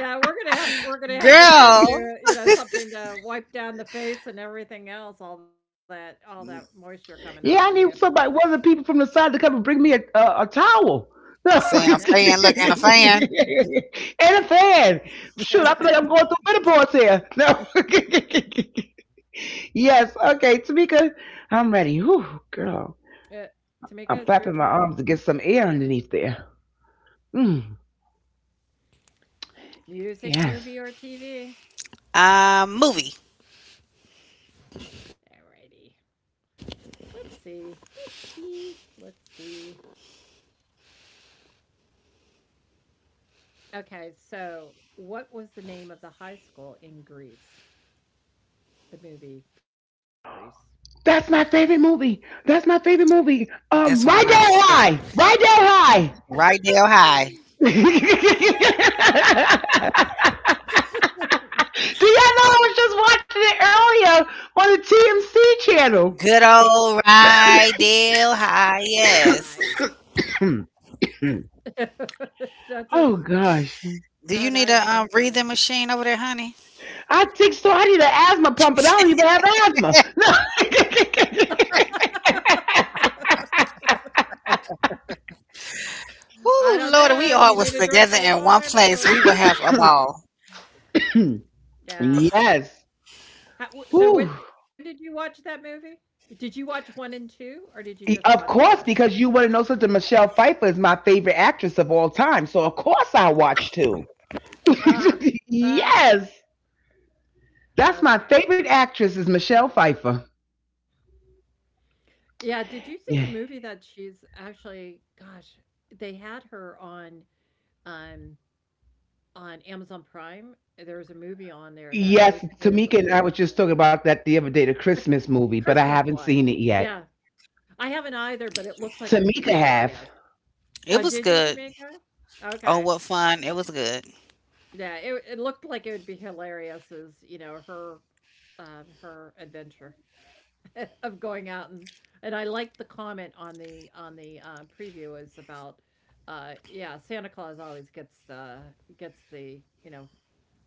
Yeah, (laughs) we're gonna have to send Girl. you, you know, something to wipe down the face and everything else, all that moisture coming off of I you. need somebody, one of the people from the side to come and bring me a towel. (laughs) And Saying a I fan, know, look, and a fan. a yeah, fan. Shoot, I feel and a like I'm going fan. through menopause here. No. (laughs) Yes. Okay, Tamika, I'm ready. Whew, girl. Uh, Tamika, I'm it's your flapping my turn. arms to get some air underneath there. Mm, Music, yes. movie, or TV? Movie. Alrighty. Let's see. Okay, so what was the name of the high school in Greece? The movie Greece. That's my favorite movie. That's my That's one favorite of mine movie. too. Right down high. Right down high. Rydell High. (laughs) (laughs) Do y'all know I was just watching Good it earlier old on the Rydell High. Yes. Hi. TMC channel? (laughs) (clears throat) That's Oh a, gosh. Do you (laughs) need oh, a that is so breathing funny. machine over there, honey? I think so. I need an asthma pump, but I don't even have asthma. Ooh, Lord, I if don't we all know. was Do you need a together drink in of one water place, we would before? have I... a ball. No. (laughs) (clears throat) Yeah, Yes. How w Whew. so when did you watch that movie? Did you watch 1 and 2, or did you just Of watch course, 1? because you want to know something. Michelle Pfeiffer is my favorite actress of all time, so of course I watch too. (laughs) Ah, Yes, ah, that's my favorite okay. actress is Michelle Pfeiffer. Yeah, did you see the movie that she's actually gosh, they had her um, on Amazon Prime. There's a movie on there Yes, that Tamika basically and I is were just talking about that the other day, the Christmas the movie, but I Christmas haven't one. seen it Yeah. yet. I haven't either, but it looks like it would Tamika be have. hilarious. It was Oh, did good. you, Jamaica? Oh, what Okay. fun. It was good. Yeah, it looked like it would be hilarious as, you know, her her adventure (laughs) of going out and I liked the comment on the preview is about yeah, Santa Claus always gets the gets the, you know,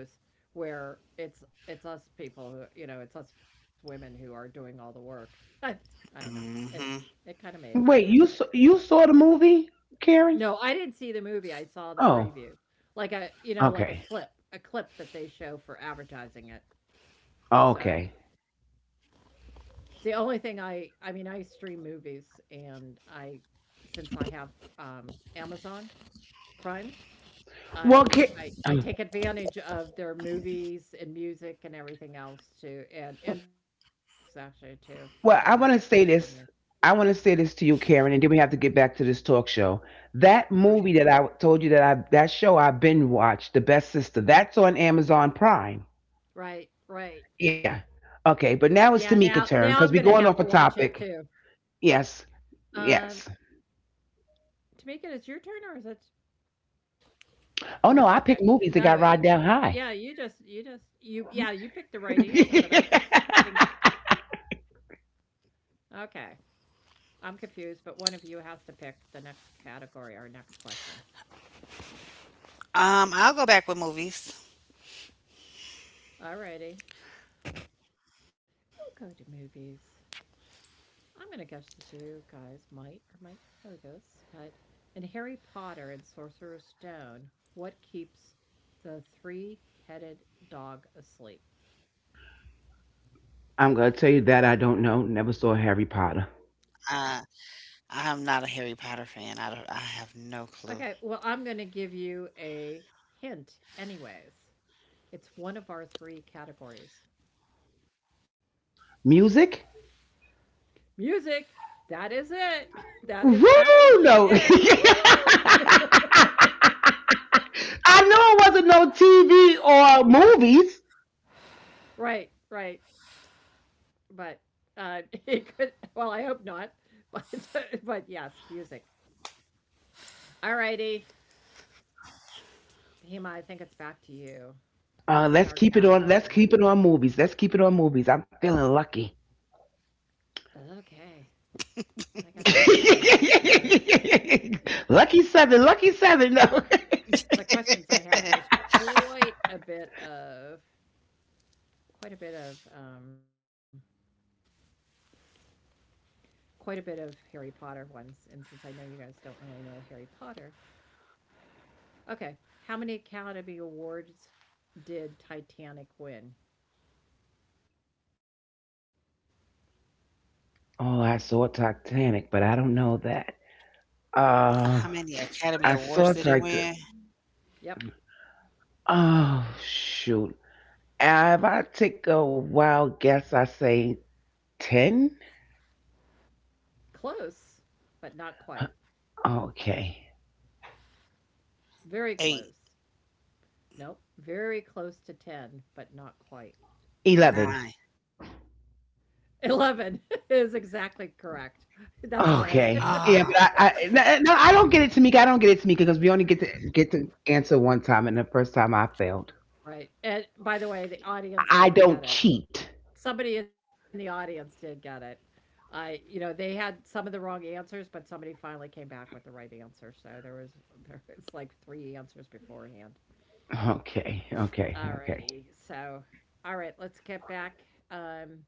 the kudos where it's us people who, you know, it's us women who are doing all the work. (laughs) I I don't know. It Hmm. it kind of Wait, made I kind of you liked it. saw the movie, Karen? No, I didn't see the movie, I Oh, saw the preview. Like a okay, you know, like a clip that they show for advertising it. okay. So, the only thing I mean, I stream movies, and I since I have, Amazon Prime, Well, I um, take advantage of their movies and music and everything else too, and books actually too. So, I well, get I books want to from there. say this. I want to say this to you, Karen, and then we have to get back to this talk show. That Right. movie that I told you that show I've been watched, The Best Sister. That's on Amazon Prime. Right. Yeah. Okay, Yeah, but now it's now I'm Tamika's gonna turn have to because we're watch going it off a too. topic. Yes. Um, Yes. Tamika, it's your turn or is it. Oh No, no, I okay. picked movies that got No, Rod down high. yeah, you just you just you yeah, you picked the right answer, but I think, (laughs) okay, I'm confused, but one of you has to pick the next category or next question. I'll go back with movies. Alrighty, we'll go to movies. I'm gonna guess that you guys might or might not know this, but in Harry Potter and Sorcerer's Stone, what keeps the three-headed dog asleep? I'm gonna tell you that I don't know. Never saw Harry Potter. Uh, I am not a Harry Potter fan. I don't, I have no clue. Okay, well, I'm gonna give you a hint anyways. It's one of our three categories. Music? Music! That is it! (laughs) That is Woo! absolutely No. (laughs) it! Woo! I know it wasn't no TV or movies. Right. But uh, (laughs) it could, well, I hope not. But, (laughs) but yes, music. All righty. Hima, I think it's back to you Let's picking keep it our on. Let's keep it category. on movies. Let's keep it on movies. I'm feeling lucky. Okay. I got to skip some of these because they're (laughs) Lucky seven. Lucky seven. No. the questions I have. There's quite a bit of, quite a bit of um, quite a bit of Harry Potter ones. And since I know you guys don't really know Harry Potter, okay, how many Academy Awards did Titanic win? (laughs) Oh, I saw Titanic, but I don't know that. Uh, How I many saw Academy Titanic. Awards did it win? Yep, Oh shoot! If I take a wild guess, I say 10? close, but not quite. Okay. Very close. 8, Nope, very close to 10, but not quite. 11. 9. 11 (laughs) is exactly correct. That's why. Okay. (laughs) Yeah, but I Ah, no, no, I don't get it, Tamika. I don't get it, Tamika, because we only get to answer one time, and the first time I failed. Right. And by the way, the audience I did don't get it. cheat. Somebody in the audience did get it. I, you know, they had some of the wrong answers, but somebody finally came back with the right answer. So there was (laughs) there it's like three answers beforehand. Okay, okay, All okay. righty. So, all right, let's get back. Um,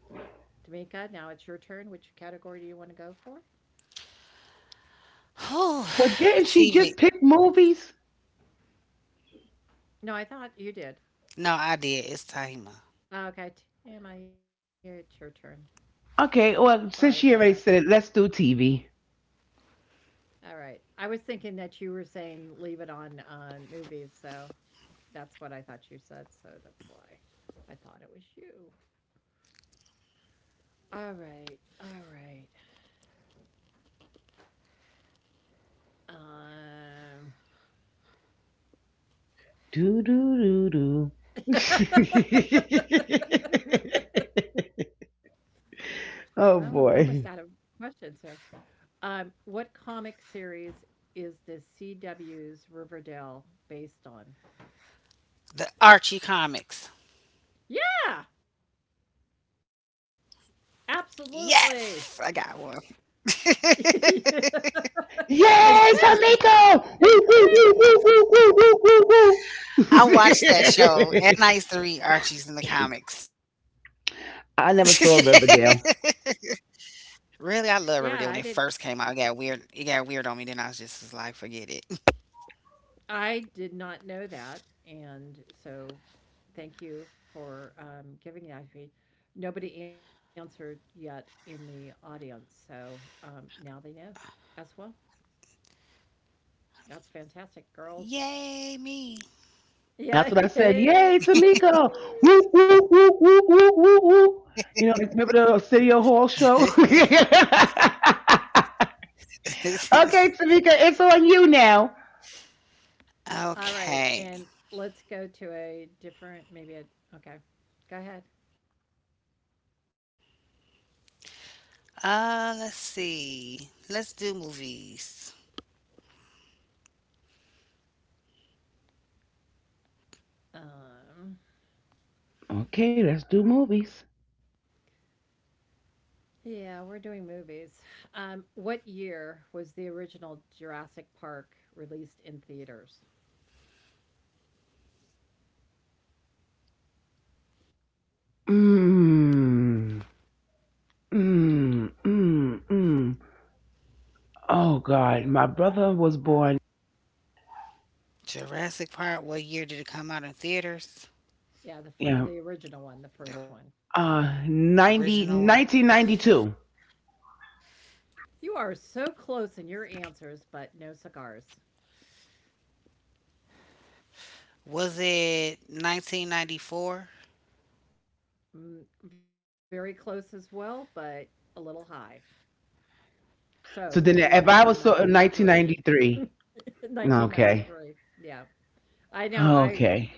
Tamika, now it's your turn. Which category do you want to go for? Well, didn't she whew. just pick movies? TV. No, I thought you did. No, I Oh, did. okay, It's Tahima. Tama, you- it's your turn. Okay, Sorry well, about since that. she already said it, let's do TV. All right. I was thinking that you were saying leave it on movies, so that's what I thought you said, so that's why I thought it was you. All right. Um, Do do do do. (laughs) I'm (laughs) Oh almost out of boy. questions here. What comic series is the CW's Riverdale based on? The Archie Yeah, comics. absolutely. Yes, I got one. (laughs) and (laughs) quick, Yay, Tomiko! and Woo, woo, quick. woo, woo, woo, woo, woo, woo, woo. I (laughs) watched that show, and I used to read Archie's in the I comics. never saw Riverdale. (laughs) Yeah, I Really, I did. love Riverdale when it first came out. It got weird. It got weird on me. Then I was just was like, forget it. I did not know that, and so thank you for giving that to me. Nobody answered yet in the audience, so now they know as well. That's fantastic, girls. (laughs) Yay That's Yeah, what I (laughs) me. said. yay. Yay, Tomiko! Woo, woo, woo, woo, woo, woo, woo. You know, like, remember the city Hall show? (laughs) (laughs) Okay, Tamika, it's on you now. All right, and let's go to Okay. a different, maybe a, okay, go ahead. Let's see. Let's do movies. Um, Okay, let's do movies. yeah, we're doing movies. What year was the original Jurassic Park released in theaters? Mmm. Mmm. Mmm. Mmm. Oh, God. My brother was born. Jurassic Park, what year did it come out in Yeah, theaters? the Yeah. original one, the first one. The original 90 one. 1992. You are so close in your answers, but no cigars. Was it 1994? Mm, very close as well, but a little high. So it'd So be then if I was so 1993. 1993. Okay. 1993. (laughs) Yeah. I know. I Okay.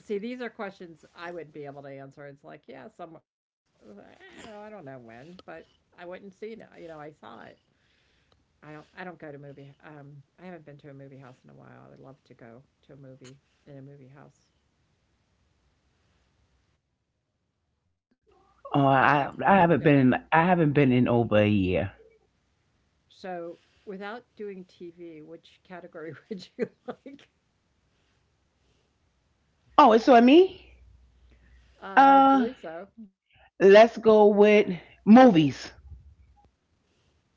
see these are questions I wouldn't be able to answer. It's like, yeah, some, I don't know when, but I wouldn't see it. You know, I saw it. I don't go to movie. I haven't been to a movie house in a while. I would love to go to a movie in a movie house. Okay. Oh, I So I haven't been in I haven't been in over a year. so without doing TV, which category (laughs) would you like? Oh, it's on me. I Uh, believe so. let's go with movies.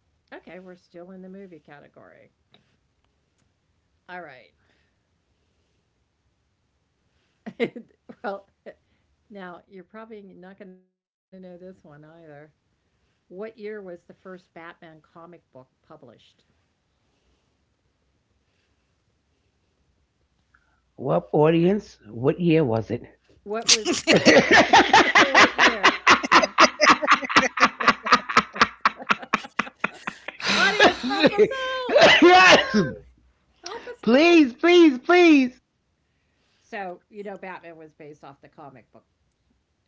Okay, we're still in the movie category. All right. (laughs) Well, now you're probably not going to know this one either. What year was the first Batman comic book published? Well, audience, what year was it? What was (laughs) what (laughs) what year? Audience, help us (sighs) out! Yes, Yes, help us out. please, please, please. So you know, Batman was based off the comic book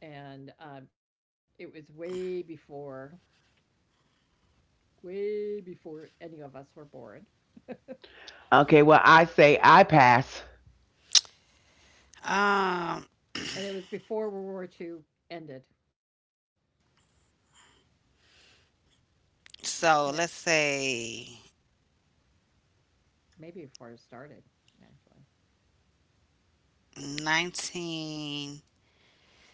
and it was way before any of us were born, Okay, well, I say I pass. and it was Um, before World War II ended, and it so let's say maybe before it started, actually. nineteen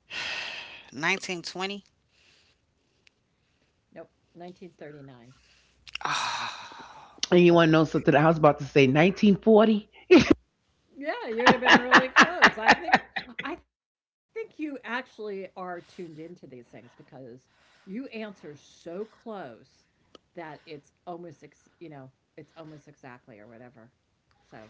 1920. Nope, 1939. (sighs) And you want to know something? I was about to say 1940. Yeah, you would have been really (laughs) close. I think you actually are tuned into these things because you answer so close that it's almost, you know, it's almost exactly or whatever. So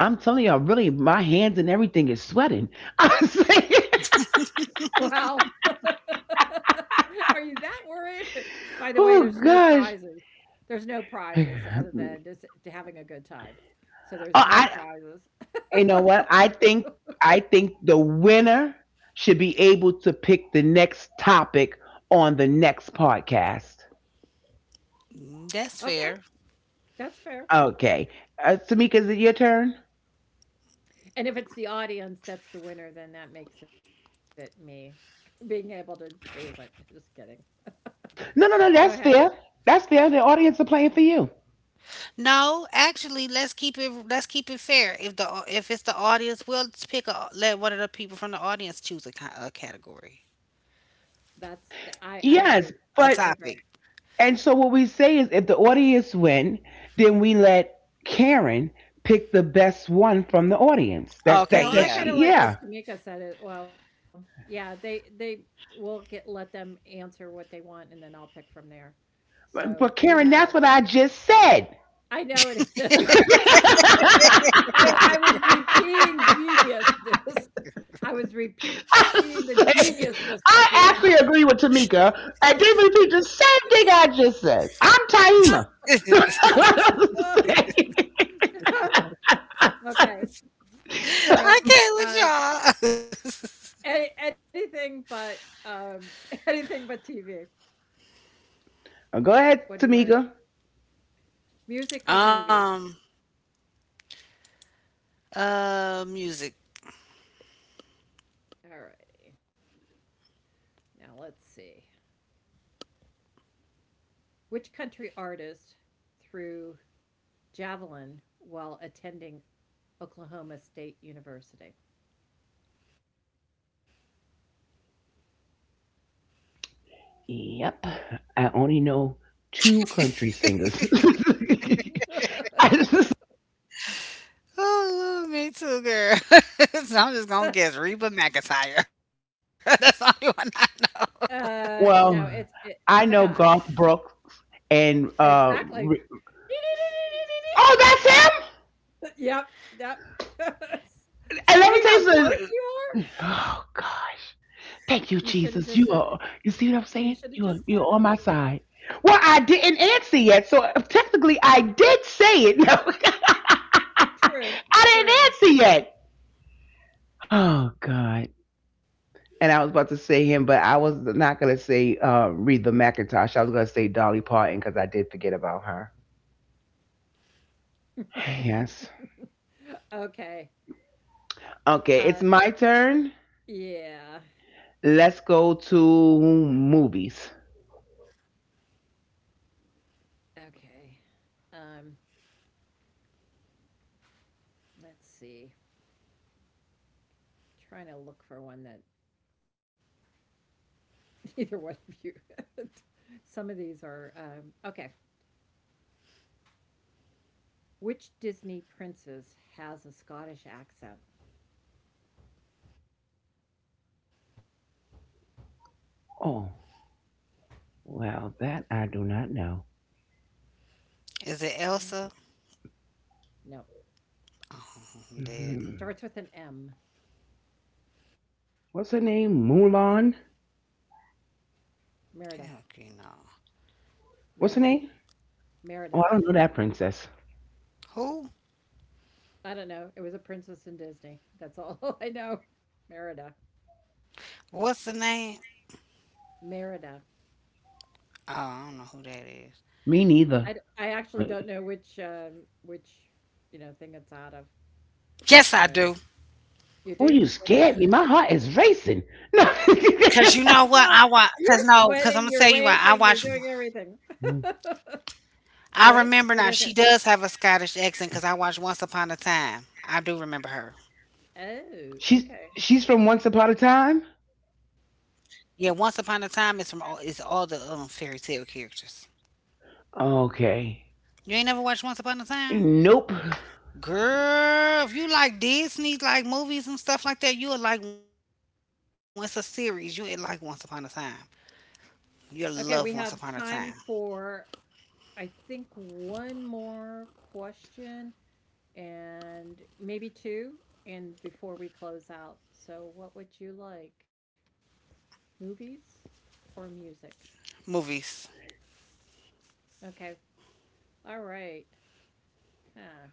I'm telling y'all, really, my hands and everything is sweating. (laughs) I'm saying, wow. (laughs) Are you that worried? (laughs) By the way, there's no oh prizes. gosh. There's no prizes other than (sighs) just to having a good time. So there's Oh, no prizes. you know what? I think the winner should be able to pick the next topic on the next podcast. Okay, 1920. That's that's fair. fair. Okay, Samika, is it your turn? And if it's the audience that's the winner, then that makes it me (laughs) being able to choose it. (laughs) Just kidding. (laughs) Go No, no, ahead. no. That's fair. That's fair. The audience are playing for you. No, actually, let's keep it, fair. If the, if it's the audience, we'll pick a, let one of the people from the audience choose a, a category, That's the, I agree. Yes, I but agree. a topic. and so what we say is if the audience win, then we let Karen pick the best one from the audience. That's that No, she, I Okay, kinda yeah. yeah. like what Tamika said it, well, yeah, they will get, let them answer what they want, and then I'll pick from there. But So, we Karen, that's what have, I just said. I know it (laughs) is. (laughs) I I was repeating geniusness. (laughs) I was repeating the said- geniusness that I you have. actually agree with Tamika. I did repeat the same thing I just said. I'm Taima. (laughs) Okay, so, (laughs) I uh, can't with y'all. (laughs) Anything but, (laughs) anything but TV. (laughs) Go What ahead, do you wanna, Tamika. music or movie? Um, Music. Alrighty, now let's see. Which country artist threw javelin while attending Oklahoma State University? Yep. I only know two country singers. (laughs) (laughs) Oh, Lord, me too, girl. (laughs) So I'm just gonna guess Reba McIntyre. (laughs) That's the only one I know. No, Well, it's I a know guy. Garth Brooks and Exactly. (laughs) Oh, that's him? Yep, yep. (laughs) And let me See tell you how something. close you are? Oh gosh. Thank you, You should have Jesus. Just said it. You see what I'm saying? You should have just You're said on it. my side. Well, I didn't answer yet, so technically I did say it. (laughs) No. True, I didn't answer true. yet. Oh God. And I was about to say him, but I was not gonna say Reba McIntosh. I was gonna say Dolly Parton because I did forget about her. (sighs) Yes. Okay. Okay, it's my Uh, turn. yeah. Let's go to movies. Okay. Um, let's see. Trying to look for one that (laughs) either one of you. (laughs) Some of these are okay. Which Disney princess has a Scottish accent? Oh, well, that I do not know. Is it I, Elsa? no. Oh, I'm dead. Hmm. Starts with an M. What's her name? Mulan? Heck, Merida. you know. What's her Merida. name? Oh, I Merida. don't know that princess. Who? I don't know. It was a princess in Disney. That's all (laughs) I know. What's the Merida. name? Merida. Oh, I don't know who that is. Me neither. I I Oh, actually don't know which which, you know, thing it's out of. Yes, I do. So you you do? scared What me. is My it? heart is racing. Cause you know No. what I watch. (laughs) Cause no, Well, cause I'm gonna tell you you're why I watch. sweating. You're raising. You're doing everything. I remember What? now. What She is it? does have a Scottish accent. Cause I watched Once Upon a Time. I do remember her. she's Oh, okay. she's from Once Upon a Time. Yeah, Once Upon a Time is from all. It's all the fairy tale characters. Okay. You ain't never watched Once Upon a Time? Nope. Girl, if you like Disney, like movies and stuff like that, you'll like once a series. You'll like Once Upon a Time. You'll love Once Upon a Okay, Time. we have time for, I think, one more question and maybe two, and before we close out. So, what would you like? Movies or music? Movies. Okay. All right. Huh.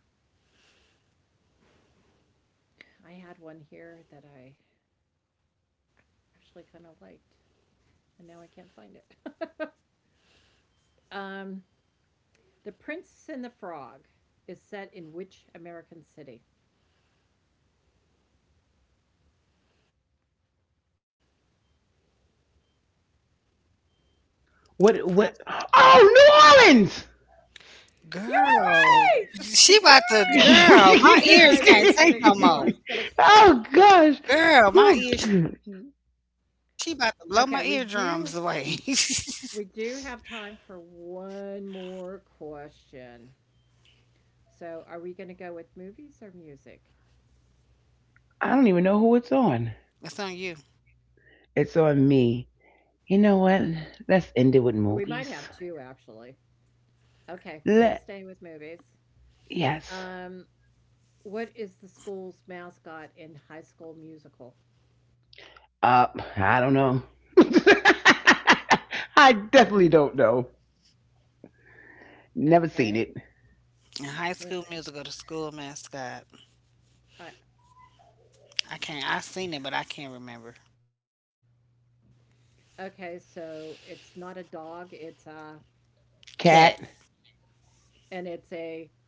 I had one here that I actually kind of liked, and now I can't find it. (laughs) Um, The Prince and the Frog is set in which American city? What? Prin- What? Oh, New Orleans! You are Girl, right! she (laughs) You're about to, right! (laughs) girl, my ears Yeah, can't I know, take it's no more. (laughs) Gonna Oh kill us gosh. there. Girl, my Oh, ears, she about to blow my eardrums away. Okay, (laughs) we do have time for one more question. So, are we gonna go with movies or music? I don't even know who it's on. It's on you. It's on me. You know what? Let's end it with We might have movies. two, actually. Okay, Let we'll stay with movies. Yes. Um, what is the school's mascot in High School Musical? Uh, I don't know. (laughs) I definitely don't know. Never seen it. Okay. In High School Mi- Musical, the school mascot. I, I can't. I seen it, but I can't remember. okay, so it's not a dog, it's a, Cat, Cat. and it's a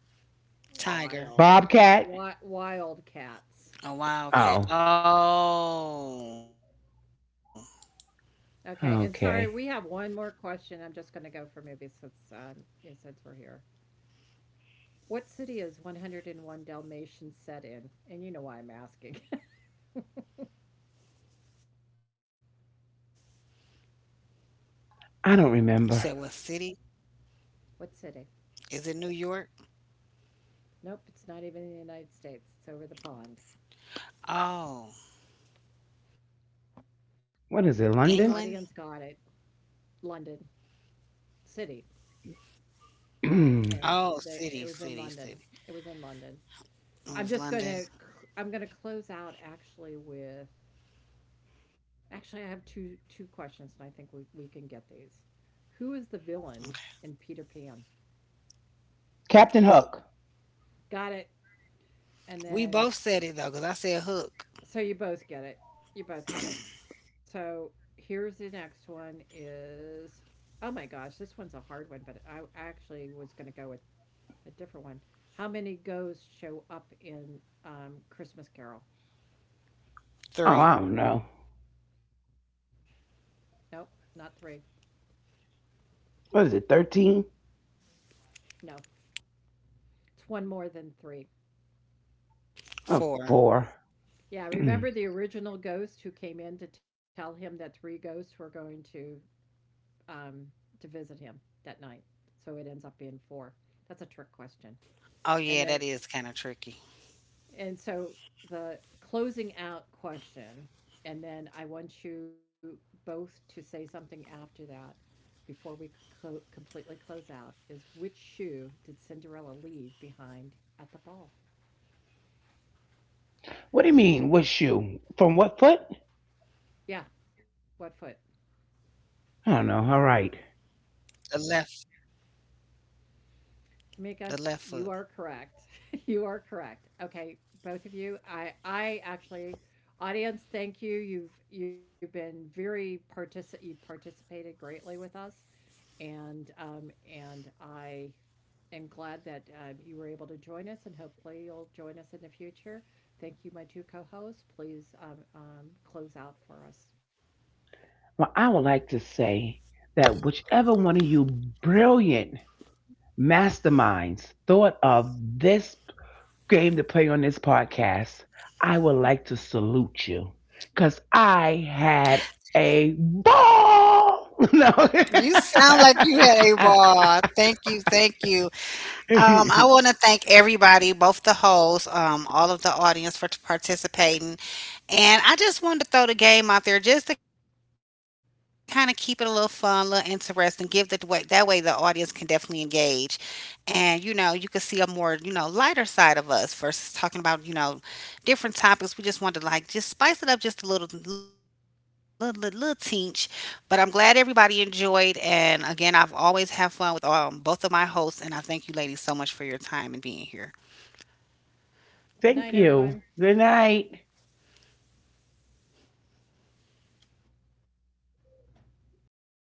tiger, wild. Bobcat. Wi Wild a cats. wild cat. Oh. Oh. Okay, and sorry, we have Okay. one more question. I'm just going to go for movies since yeah, since we're here. What city is 101 Dalmatians set in? And you know why I'm asking. (laughs) You said what I don't city? remember. What Is city? it New York? Nope, it's not even in the United States. It's over the pond. Oh, England? What The is it? audience London. got it. London city. Oh, And (clears throat) city, they, it was city, in city. London. It was in London. It was I'm just London. going to I'm going to close out actually with, actually, I have two questions, and I think we can get these. Who is the Okay. villain in Peter Pan? Captain Look, Hook. Got it. And we then, both said it though, because I said hook. so you both get it. You both get it. So here's the next one is. Oh my gosh, this one's a hard one, but I actually was going to go with a different one. How many ghosts show up in Christmas Carol? Oh, Three, I don't know. Nope, not three. What is it, 13? No, it's one more than three. Oh, four. four. Yeah, remember (clears throat) the original ghost who came in to tell him that three ghosts were going um, to visit him that night. So it ends up being four. That's a trick question. Oh yeah, that And then is kind of tricky. and so The closing out question, and then I want you both to say something after that before we completely close out is, which shoe did Cinderella leave behind at the ball? What do you mean, what shoe? From what foot? Yeah, what foot? I don't know. The All right. left, the left foot. Tamika's, you are correct. (laughs) You are correct. Okay, both of you. I actually, audience, thank you. You've been very you participated greatly with us, and um, and I am glad that you were able to join us, and hopefully you'll join us in the future. Thank you my two co-hosts. Please close out for us. Well, I would like to say that whichever one of you brilliant masterminds thought of this game to play on this podcast, I would like to salute you because I had a ball. No. You sound like you had a ball. Thank you, thank you. I want to (laughs) thank everybody, both the hosts, all of the audience for participating. And I just wanted to throw the game out there just to kind of keep it a little fun, a little interesting, give it the way that way the audience can definitely engage. And you know, you can see a more, you know, lighter side of us versus talking about, you know, different topics. We just wanted to like just spice it up just a little, little, little, little teach. But I'm glad everybody enjoyed, and again I've always have fun with both of my hosts, and I thank you ladies so much for your time and being here. Good Thank night you. everyone. Good night.